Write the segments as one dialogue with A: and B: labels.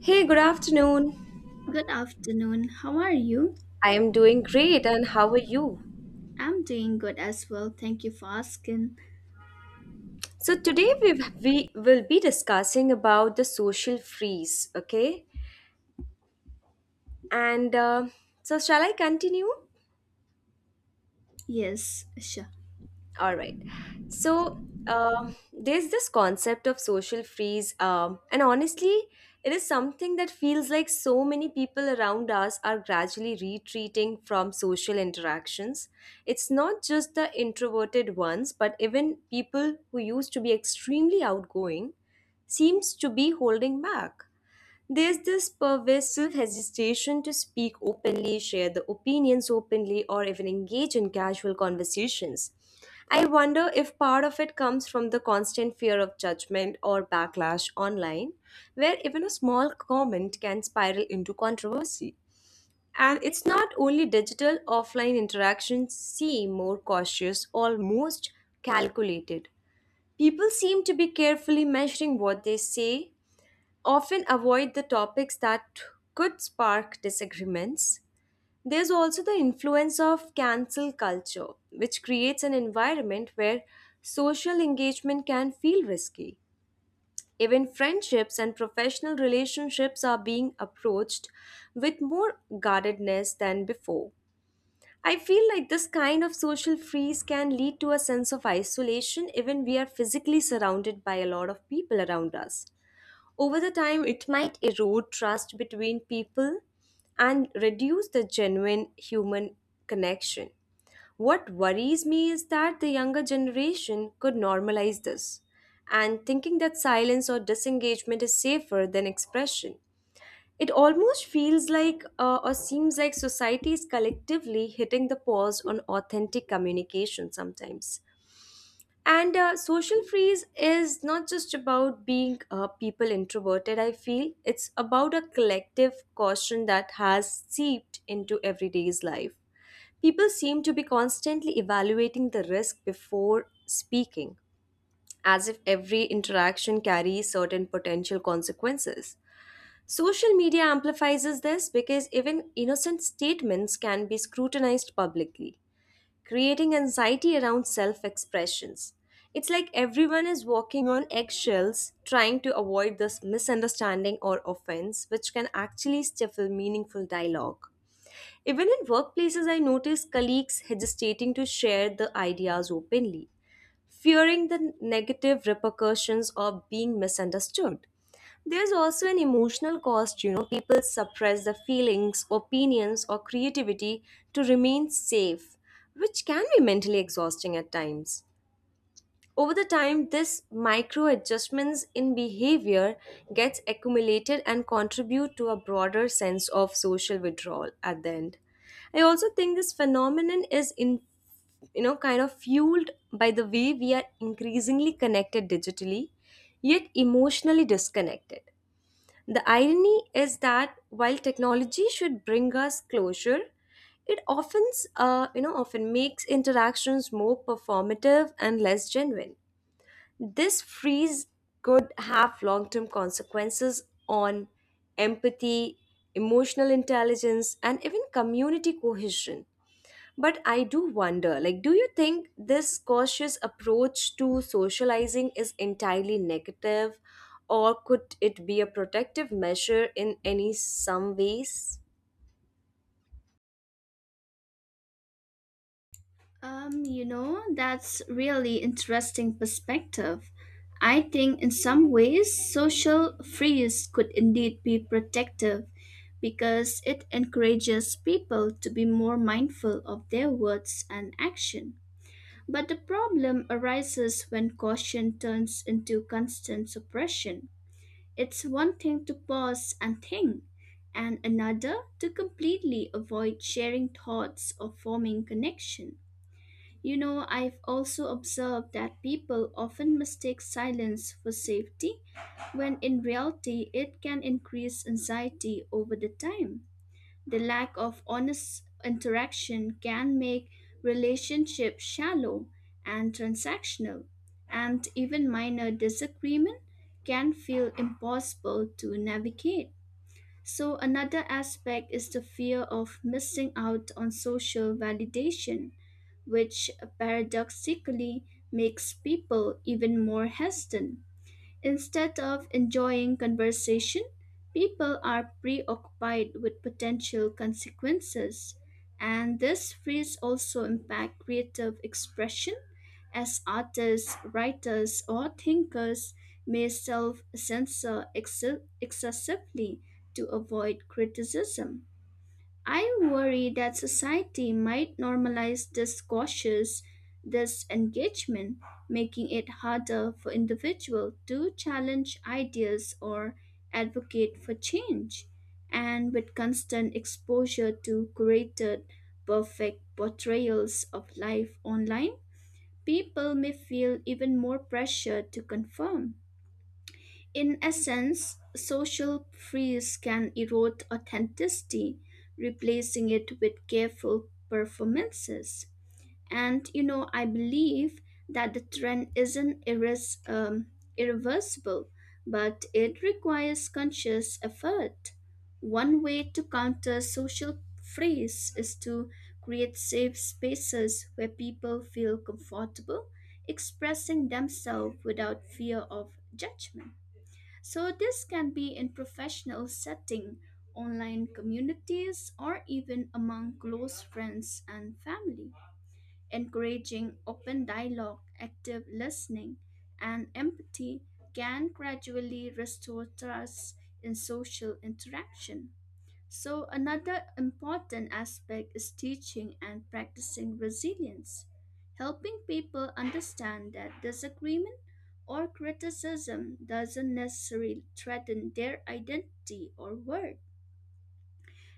A: Hey, good afternoon.
B: Good afternoon. How are you?
A: I am doing great, and how are you?
B: I'm doing good as well. Thank you for asking.
A: So today we will be discussing about the social freeze, okay? And so shall I continue?
B: Yes, sure.
A: All right. So there's this concept of social freeze, and honestly, it is something that feels like so many people around us are gradually retreating from social interactions. It's not just the introverted ones, but even people who used to be extremely outgoing seems to be holding back. There's this pervasive hesitation to speak openly, share the opinions openly, or even engage in casual conversations. I wonder if part of it comes from the constant fear of judgment or backlash online, where even a small comment can spiral into controversy. And it's not only digital, offline interactions seem more cautious, almost calculated. People seem to be carefully measuring what they say, often avoid the topics that could spark disagreements. There's also the influence of cancel culture, which creates an environment where social engagement can feel risky. Even friendships and professional relationships are being approached with more guardedness than before. I feel like this kind of social freeze can lead to a sense of isolation even we are physically surrounded by a lot of people around us. Over the time, it might erode trust between people and reduce the genuine human connection. What worries me is that the younger generation could normalize this and thinking that silence or disengagement is safer than expression. It almost feels like or seems like society is collectively hitting the pause on authentic communication sometimes. And Social freeze is not just about being people introverted, I feel. It's about a collective caution that has seeped into everyday's life. People seem to be constantly evaluating the risk before speaking, as if every interaction carries certain potential consequences. Social media amplifies this because even innocent statements can be scrutinized publicly, creating anxiety around self expressions. It's like everyone is walking on eggshells trying to avoid this misunderstanding or offense, which can actually stifle meaningful dialogue. Even in workplaces, I notice colleagues hesitating to share the ideas openly, fearing the negative repercussions of being misunderstood. There's also an emotional cost, people suppress their feelings, opinions, or creativity to remain safe, which can be mentally exhausting at times. Over the time, this micro adjustments in behavior gets accumulated and contribute to a broader sense of social withdrawal at the end. I also think this phenomenon is in you know kind of fueled by the way we are increasingly connected digitally yet emotionally disconnected. The irony is that while technology should bring us closure, it often you know often makes interactions more performative and less genuine. This freeze could have long term consequences on empathy, emotional intelligence, and even community cohesion. But I do wonder, do you think this cautious approach to socializing is entirely negative, or could it be a protective measure in any some ways?
B: You know, that's really interesting perspective. I think in some ways social freeze could indeed be protective because it encourages people to be more mindful of their words and action. But the problem arises when caution turns into constant suppression. It's one thing to pause and think, and another to completely avoid sharing thoughts or forming connection. You know, I've also observed that people often mistake silence for safety when in reality it can increase anxiety over the time. The lack of honest interaction can make relationships shallow and transactional, and even minor disagreement can feel impossible to navigate. So, another aspect is the fear of missing out on social validation, which paradoxically makes people even more hesitant. Instead of enjoying conversation, people are preoccupied with potential consequences, and this freeze also impact creative expression as artists, writers, or thinkers may self-censor excessively to avoid criticism. I worry that society might normalize this cautious disengagement, making it harder for individuals to challenge ideas or advocate for change. And with constant exposure to curated, perfect portrayals of life online, people may feel even more pressure to conform. In essence, social freeze can erode authenticity, replacing it with careful performances. And you know, I believe that the trend isn't irreversible, but it requires conscious effort. One way to counter social freeze is to create safe spaces where people feel comfortable expressing themselves without fear of judgment. So this can be in professional setting, online communities, or even among close friends and family. Encouraging open dialogue, active listening, and empathy can gradually restore trust in social interaction. So, another important aspect is teaching and practicing resilience, helping people understand that disagreement or criticism doesn't necessarily threaten their identity or worth,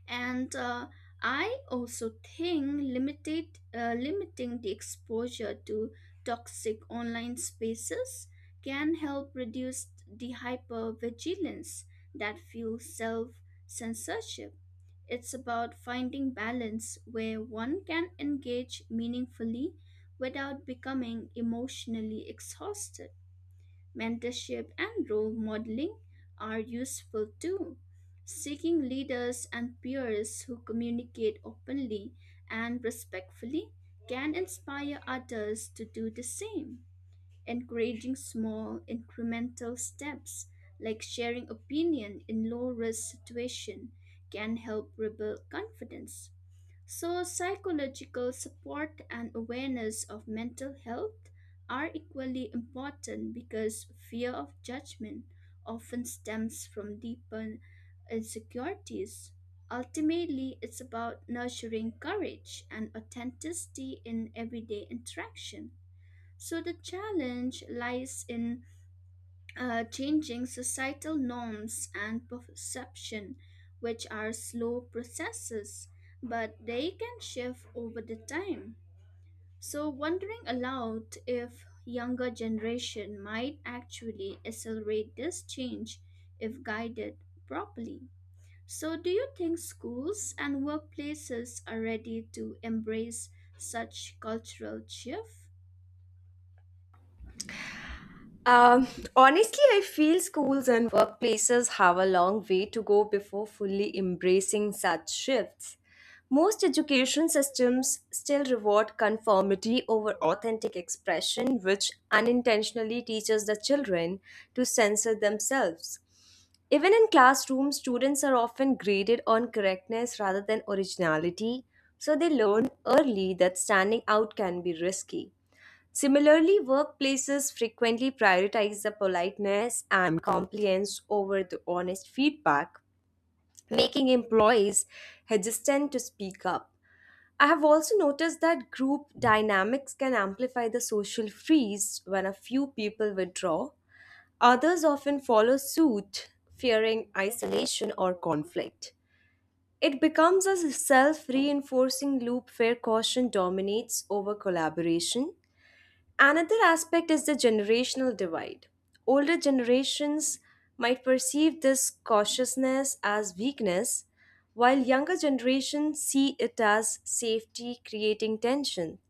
B: and I also think limited limiting the exposure to toxic online spaces can help reduce the hypervigilance that fuels self censorship. It's about finding balance where one can engage meaningfully without becoming emotionally exhausted. Mentorship and role modeling are useful too. Seeking leaders and peers who communicate openly and respectfully can inspire others to do the same. Encouraging small incremental steps like sharing opinion in low risk situation can help rebuild confidence. So, psychological support and awareness of mental health are equally important because fear of judgment often stems from deeper insecurities. Ultimately, it's about nurturing courage and authenticity in everyday interaction. So, the challenge lies in changing societal norms and perception, which are slow processes, but they can shift over the time. So, wondering aloud if younger generation might actually accelerate this change if guided properly. So, do you think schools and workplaces are ready to embrace such cultural shift?
A: Um, Honestly, I feel schools and workplaces have a long way to go before fully embracing such shifts. Most education systems still reward conformity over authentic expression, which unintentionally teaches the children to censor themselves. Even in classrooms, students are often graded on correctness rather than originality, so they learn early that standing out can be risky. Similarly, workplaces frequently prioritize the politeness and compliance over the honest feedback, making employees hesitant to speak up. I have also noticed that group dynamics can amplify the social freeze when a few people withdraw. Others often follow suit, fearing isolation or conflict. It becomes a self reinforcing loop where caution dominates over collaboration. Another aspect is the generational divide. Older generations might perceive this cautiousness as weakness, while younger generations see it as safety, creating tension.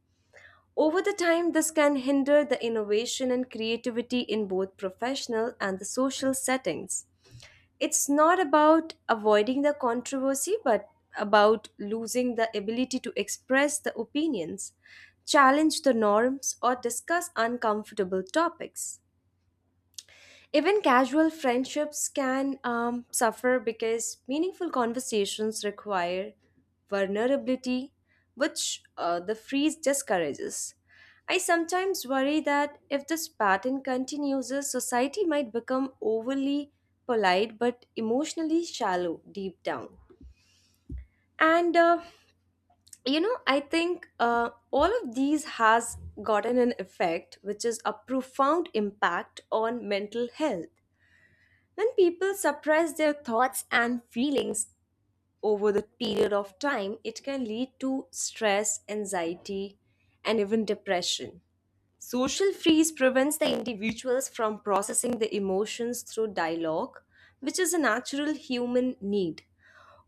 A: Over the time, this can hinder the innovation and creativity in both professional and the social settings. It's not about avoiding the controversy, but about losing the ability to express the opinions, challenge the norms, or discuss uncomfortable topics. Even casual friendships can suffer because meaningful conversations require vulnerability, which the freeze discourages. I sometimes worry that if this pattern continues, society might become overly polite but emotionally shallow deep down. And uh, I think all of these has gotten an effect, which is a profound impact on mental health. When people suppress their thoughts and feelings over the period of time, it can lead to stress, anxiety, and even depression. Social freeze prevents the individuals from processing the emotions through dialogue, which is a natural human need.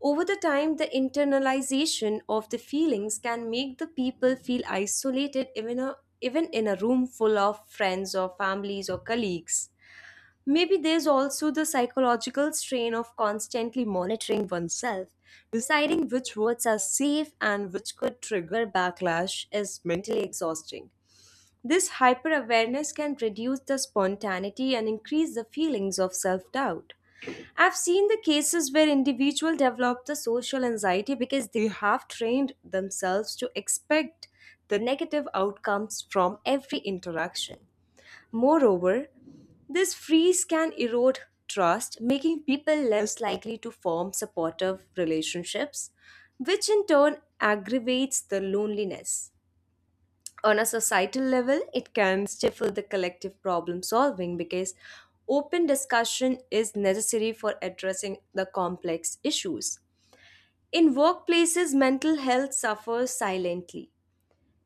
A: Over the time, the internalization of the feelings can make the people feel isolated even in a room full of friends or families or colleagues. Maybe there's also the psychological strain of constantly monitoring oneself. Deciding which words are safe and which could trigger backlash is mentally exhausting. This hyper awareness can reduce the spontaneity and increase the feelings of self doubt. I've seen the cases where individuals develop the social anxiety because they have trained themselves to expect the negative outcomes from every interaction. Moreover, this freeze can erode trust, making people less likely to form supportive relationships, which in turn aggravates the loneliness. On a societal level, it can stifle the collective problem solving because open discussion is necessary for addressing the complex issues. In workplaces, mental health suffers silently.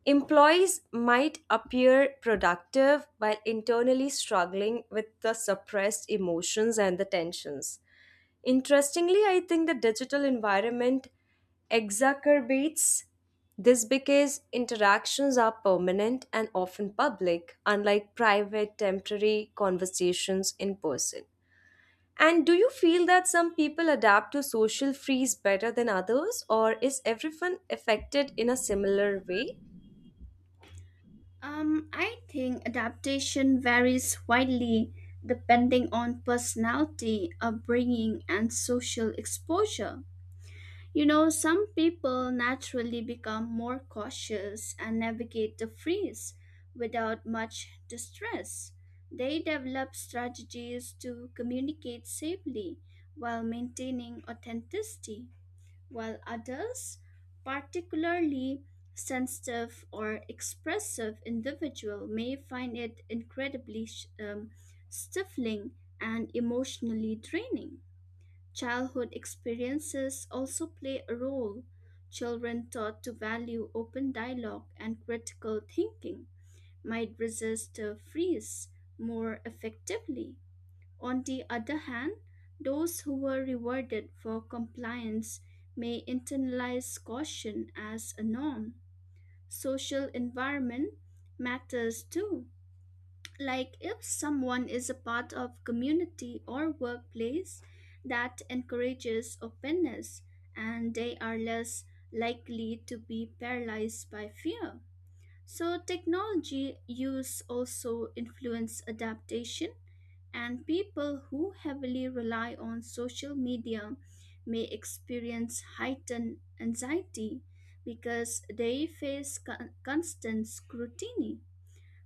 A: Employees might appear productive while internally struggling with the suppressed emotions and the tensions. Interestingly, I think the digital environment exacerbates this because interactions are permanent and often public, unlike private, temporary conversations in person. And do you feel that some people adapt to social freeze better than others, or is everyone affected in a similar way?
B: I think adaptation varies widely depending on personality, upbringing, and social exposure. You know, some people naturally become more cautious and navigate the freeze without much distress. They develop strategies to communicate safely while maintaining authenticity while others, particularly sensitive or expressive individual may find it incredibly stifling and emotionally draining. Childhood experiences also play a role. Children taught to value open dialogue and critical thinking might resist a freeze more effectively. On the other hand, those who were rewarded for compliance may internalize caution as a norm. Social environment matters too. Like if someone is a part of community or workplace that encourages openness and they are less likely to be paralyzed by fear. So technology use also influence adaptation and people who heavily rely on social media may experience heightened anxiety because they face constant scrutiny.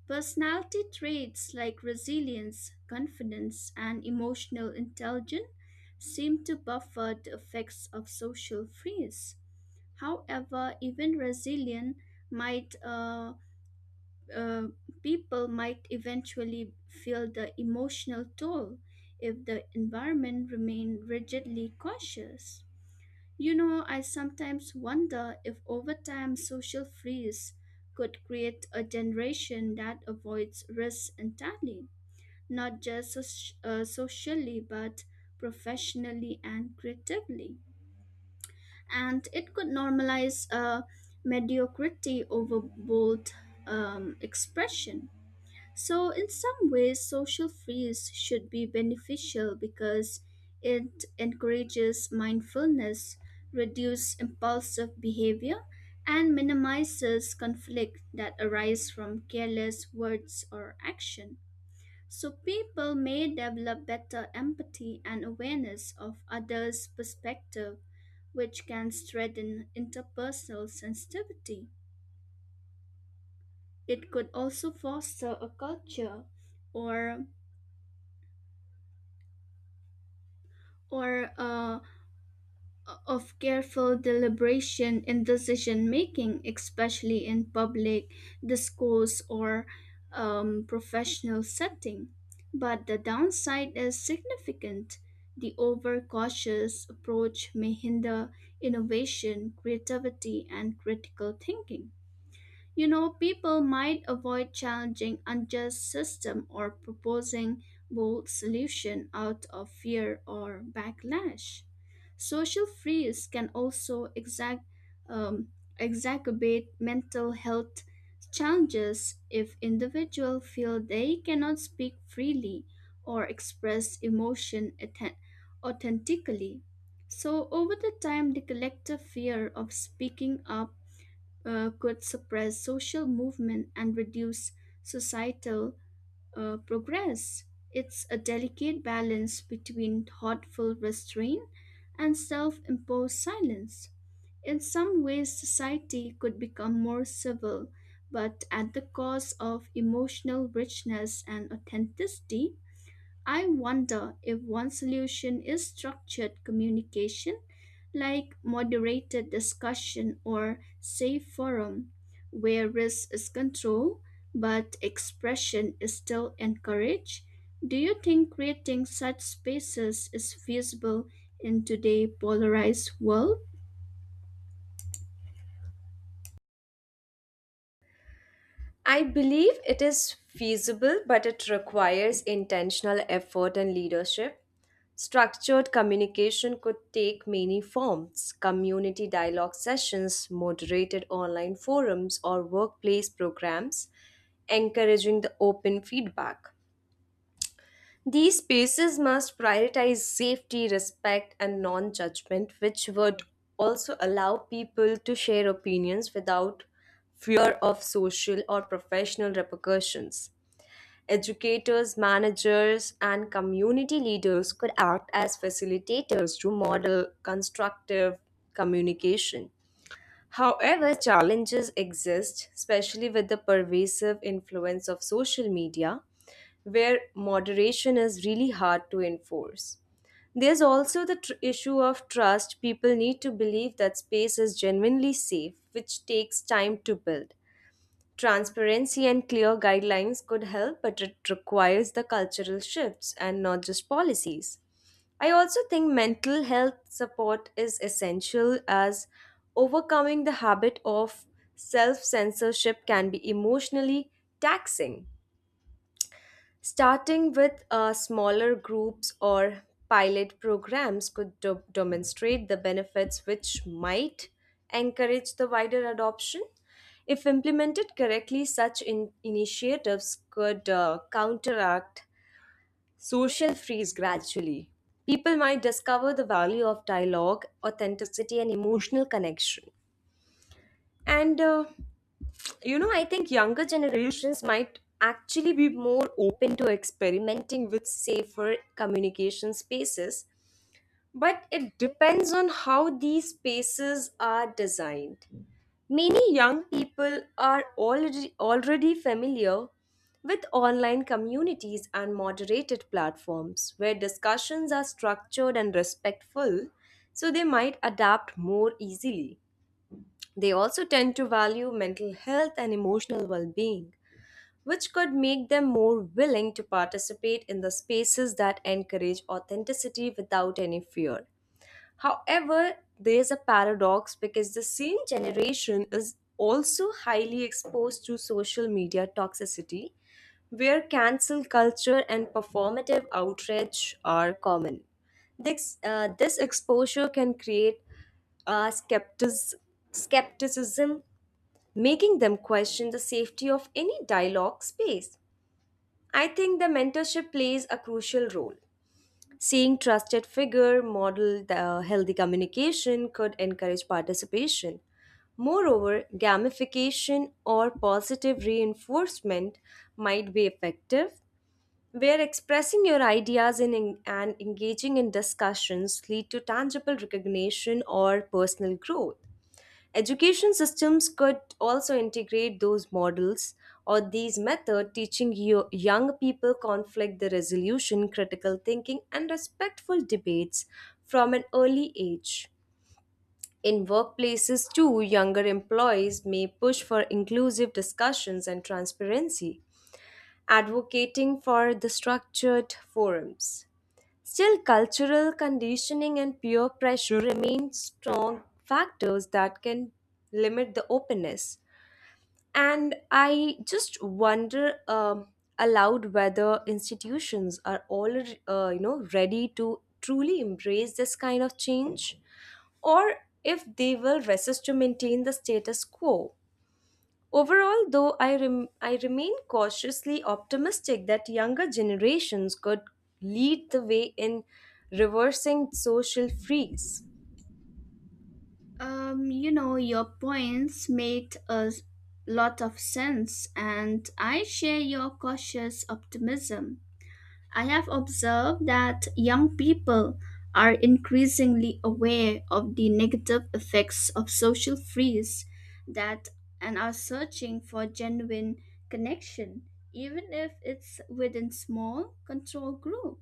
B: Personality traits like resilience, confidence, and emotional intelligence seem to buffer the effects of social freeze. However, even resilient might uh, people might eventually feel the emotional toll if the environment remain rigidly cautious. You know, I sometimes wonder if over time social freeze could create a generation that avoids risk entirely, not just socially but professionally and creatively. And it could normalize mediocrity over bold expression. So, in some ways, social freeze should be beneficial because it encourages mindfulness, reduces impulsive behavior, and minimizes conflict that arise from careless words or action. So, people may develop better empathy and awareness of others' perspective, which can strengthen interpersonal sensitivity. It could also foster a culture or or of careful deliberation in decision making, especially in public discourse or professional setting. But the downside is significant. The overcautious approach may hinder innovation, creativity, and critical thinking. You know, people might avoid challenging unjust system or proposing bold solution out of fear or backlash. Social freeze can also um, exacerbate mental health challenges if individuals feel they cannot speak freely or express emotion authentically. So over the time, the collective fear of speaking up could suppress social movement and reduce societal progress. It's a delicate balance between thoughtful restraint and self imposed silence. In some ways, society could become more civil, but at the cost of emotional richness and authenticity. I wonder if one solution is structured communication, like moderated discussion or safe forum, where risk is controlled but expression is still encouraged. Do you think creating such spaces is feasible in today's polarized world?
A: I believe it is feasible, but it requires intentional effort and leadership. Structured communication could take many forms: community dialogue sessions, moderated online forums, or workplace programs, encouraging the open feedback. These spaces must prioritize safety, respect, and non judgment, which would also allow people to share opinions without fear of social or professional repercussions. Educators, managers, and community leaders could act as facilitators to model constructive communication. However, challenges exist, especially with the pervasive influence of social media, where moderation is really hard to enforce. There's also the issue of trust. People need to believe that space is genuinely safe, which takes time to build. Transparency and clear guidelines could help, but it requires the cultural shifts and not just policies. I also think mental health support is essential, as overcoming the habit of self censorship can be emotionally taxing. Starting with smaller groups or pilot programs could demonstrate the benefits, which might encourage the wider adoption. If implemented correctly, such initiatives could counteract social freeze gradually. People might discover the value of dialogue, authenticity, and emotional connection. And you know I think younger generations might actually be more open to experimenting with safer communication spaces, but it depends on how these spaces are designed. Many young people are already familiar with online communities and moderated platforms where discussions are structured and respectful, so they might adapt more easily. They also tend to value mental health and emotional well being, which could make them more willing to participate in the spaces that encourage authenticity without any fear. However, there's a paradox because the same generation is also highly exposed to social media toxicity, where cancel culture and performative outrage are common. This exposure can create uh, skeptis- skepticism, making them question the safety of any dialogue space. I think the mentorship plays a crucial role. Seeing trusted figure model the healthy communication could encourage participation. Moreover, gamification or positive reinforcement might be effective, where expressing your ideas in, and engaging in discussions lead to tangible recognition or personal growth. Education systems could also integrate those models or these methods, teaching young people conflict the resolution, critical thinking, and respectful debates from an early age. In workplaces, too, younger employees may push for inclusive discussions and transparency, advocating for the structured forums. Still, cultural conditioning and peer pressure remain strong factors that can limit the openness. And I just wonder aloud whether institutions are all, ready to truly embrace this kind of change, or if they will resist to maintain the status quo. Overall, though, I remain cautiously optimistic that younger generations could lead the way in reversing social freeze.
B: You know, your points made a lot of sense, and I share your cautious optimism. I have observed that young people are increasingly aware of the negative effects of social freeze that and are searching for genuine connection even if it's within small control group.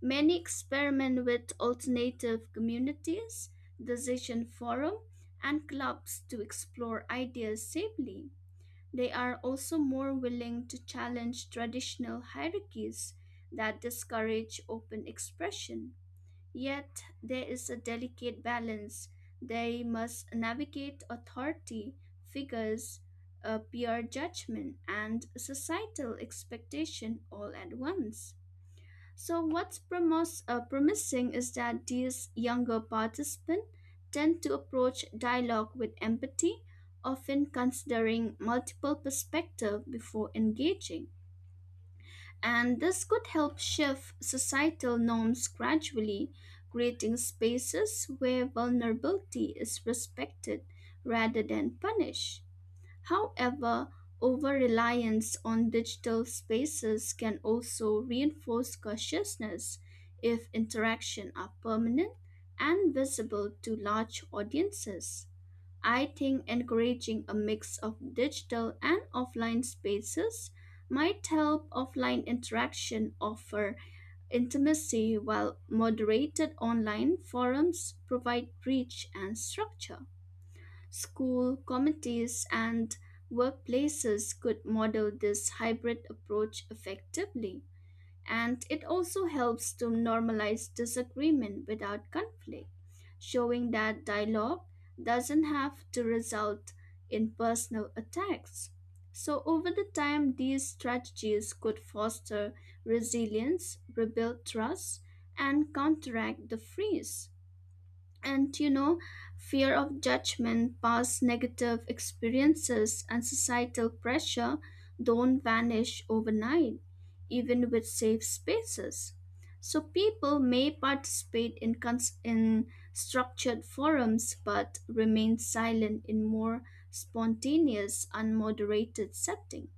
B: Many experiment with alternative communities, decision forum and clubs to explore ideas safely. They are also more willing to challenge traditional hierarchies that discourage open expression. Yet there is a delicate balance. They must navigate authority figures, peer judgment, and societal expectation all at once. So what's promising is that these younger participants tend to approach dialogue with empathy, often considering multiple perspectives before engaging. And this could help shift societal norms gradually, creating spaces where vulnerability is respected rather than punished. However, over reliance on digital spaces can also reinforce cautiousness if interactions are permanent and visible to large audiences. I think encouraging a mix of digital and offline spaces might help offline interaction offer intimacy while moderated online forums provide reach and structure. School committees and workplaces could model this hybrid approach effectively, and it also helps to normalize disagreement without conflict, showing that dialogue doesn't have to result in personal attacks. So, over the time, these strategies could foster resilience, rebuild trust, and counteract the freeze. And you know, fear of judgment past negative experiences and societal pressure don't vanish overnight even with safe spaces. So people may participate in structured forums but remain silent in more spontaneous unmoderated settings.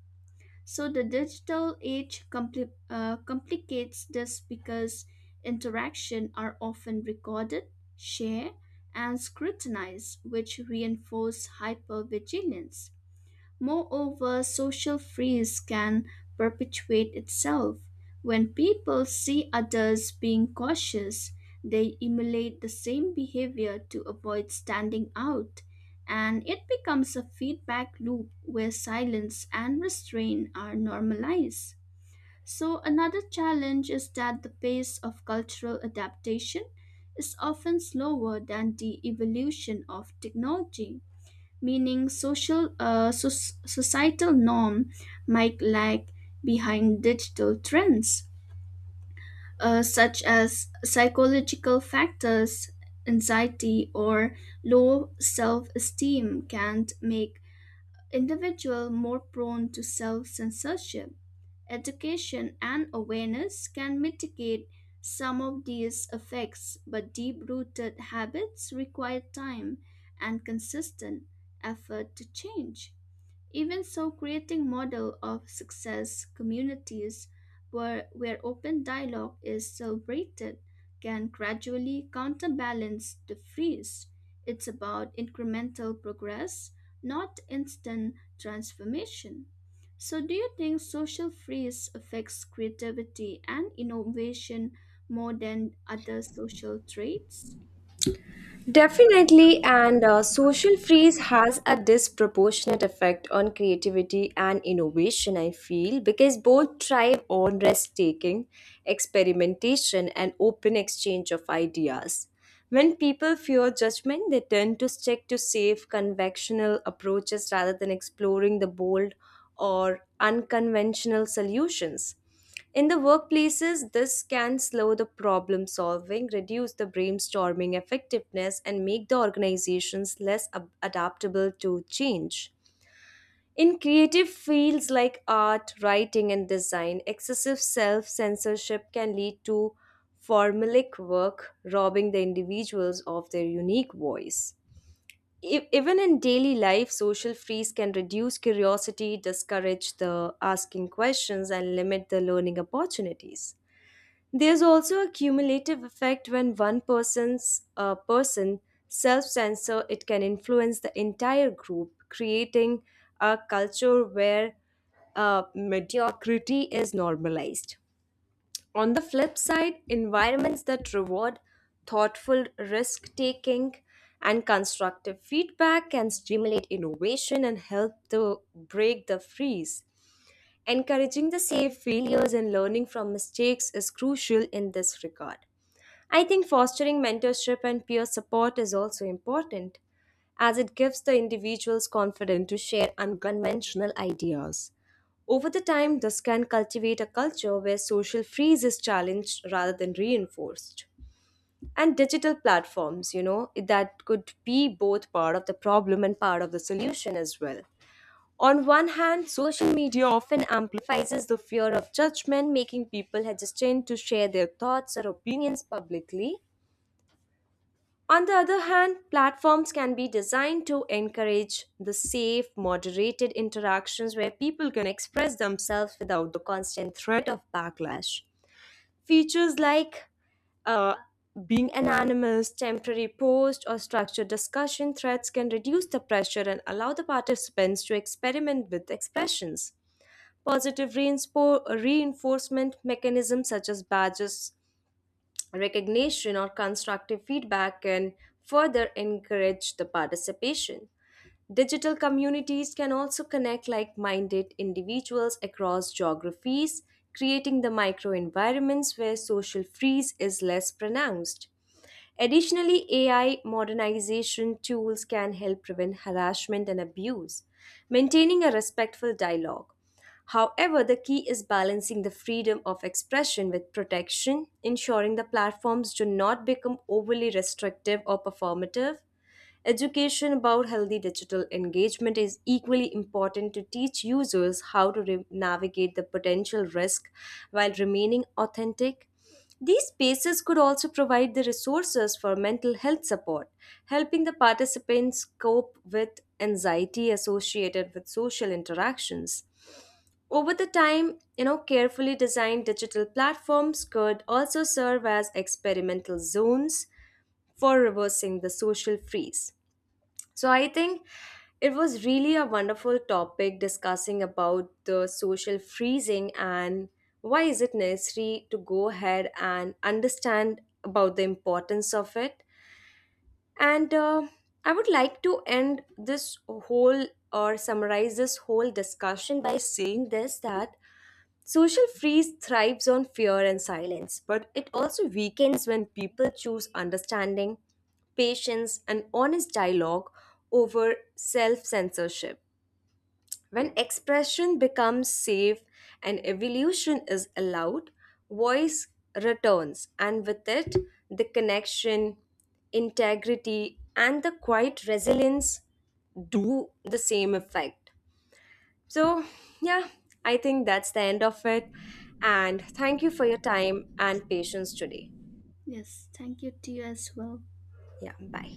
B: So the digital age complicates this because interactions are often recorded, shared, and scrutinized, which reinforce hypervigilance. Moreover, social freeze can perpetuate itself. When people see others being cautious, they emulate the same behavior to avoid standing out, and it becomes a feedback loop where silence and restraint are normalized. So, another challenge is that the pace of cultural adaptation is often slower than the evolution of technology, meaning social societal norm might lag behind digital trends. Such as psychological factors, anxiety or low self-esteem can make individual more prone to self-censorship. Education and awareness can mitigate some of these effects but deep-rooted habits require time and consistent effort to change. Even so, creating model of success communities where open dialogue is celebrated can gradually counterbalance the freeze. It's about incremental progress, not instant transformation. So, do you think social freeze affects creativity and innovation more than other social traits?
A: Definitely, and social freeze has a disproportionate effect on creativity and innovation, I feel, because both thrive on risk taking, experimentation, and open exchange of ideas. When people fear judgment, they tend to stick to safe, conventional approaches rather than exploring the bold or unconventional solutions. In the workplaces, this can slow the problem solving, reduce the brainstorming effectiveness, and make the organizations less adaptable to change. In creative fields like art, writing, and design, excessive self censorship can lead to formulaic work, robbing the individuals of their unique voice. Even in daily life, social freeze can reduce curiosity, discourage the asking questions, and limit the learning opportunities. There's also a cumulative effect when one person's person self-censor, it can influence the entire group, creating a culture where mediocrity is normalized. On the flip side, environments that reward thoughtful risk taking and constructive feedback can stimulate innovation and help to break the freeze. Encouraging the safe failures and learning from mistakes is crucial in this regard. I think fostering mentorship and peer support is also important, as it gives the individuals confidence to share unconventional ideas. Over the time, this can cultivate a culture where social freeze is challenged rather than reinforced. And digital platforms, you know, that could be both part of the problem and part of the solution as well. On one hand, social media often amplifies the fear of judgment, making people hesitant to share their thoughts or opinions publicly. On the other hand, platforms can be designed to encourage the safe, moderated interactions where people can express themselves without the constant threat of backlash. Features like uh, being anonymous, temporary post, or structured discussion threads can reduce the pressure and allow the participants to experiment with expressions. Reinforcement mechanisms such as badges, recognition, or constructive feedback can further encourage the participation. Digital communities can also connect like minded individuals across geographies, creating the microenvironments where social freeze is less pronounced. Additionally, AI modernization tools can help prevent harassment and abuse, maintaining a respectful dialogue. However, the key is balancing the freedom of expression with protection, ensuring the platforms do not become overly restrictive or performative. Education about healthy digital engagement is equally important to teach users how to navigate the potential risk while remaining authentic. These spaces could also provide the resources for mental health support, helping the participants cope with anxiety associated with social interactions. Over the time, you know, carefully designed digital platforms could also serve as experimental zones for reversing the social freeze. So I think it was really a wonderful topic discussing about the social freezing and why is it necessary to go ahead and understand about the importance of it. And I would like to end this whole or summarize this whole discussion by saying this, that social freeze thrives on fear and silence, but it also weakens when people choose understanding, patience, and honest dialogue over self censorship. When expression becomes safe and evolution is allowed, voice returns, and with it, the connection, integrity, and the quiet resilience do the same effect. So, yeah, I think that's the end of it. And thank you for your time and patience today.
B: Yes, thank you to you as well.
A: Yeah, bye.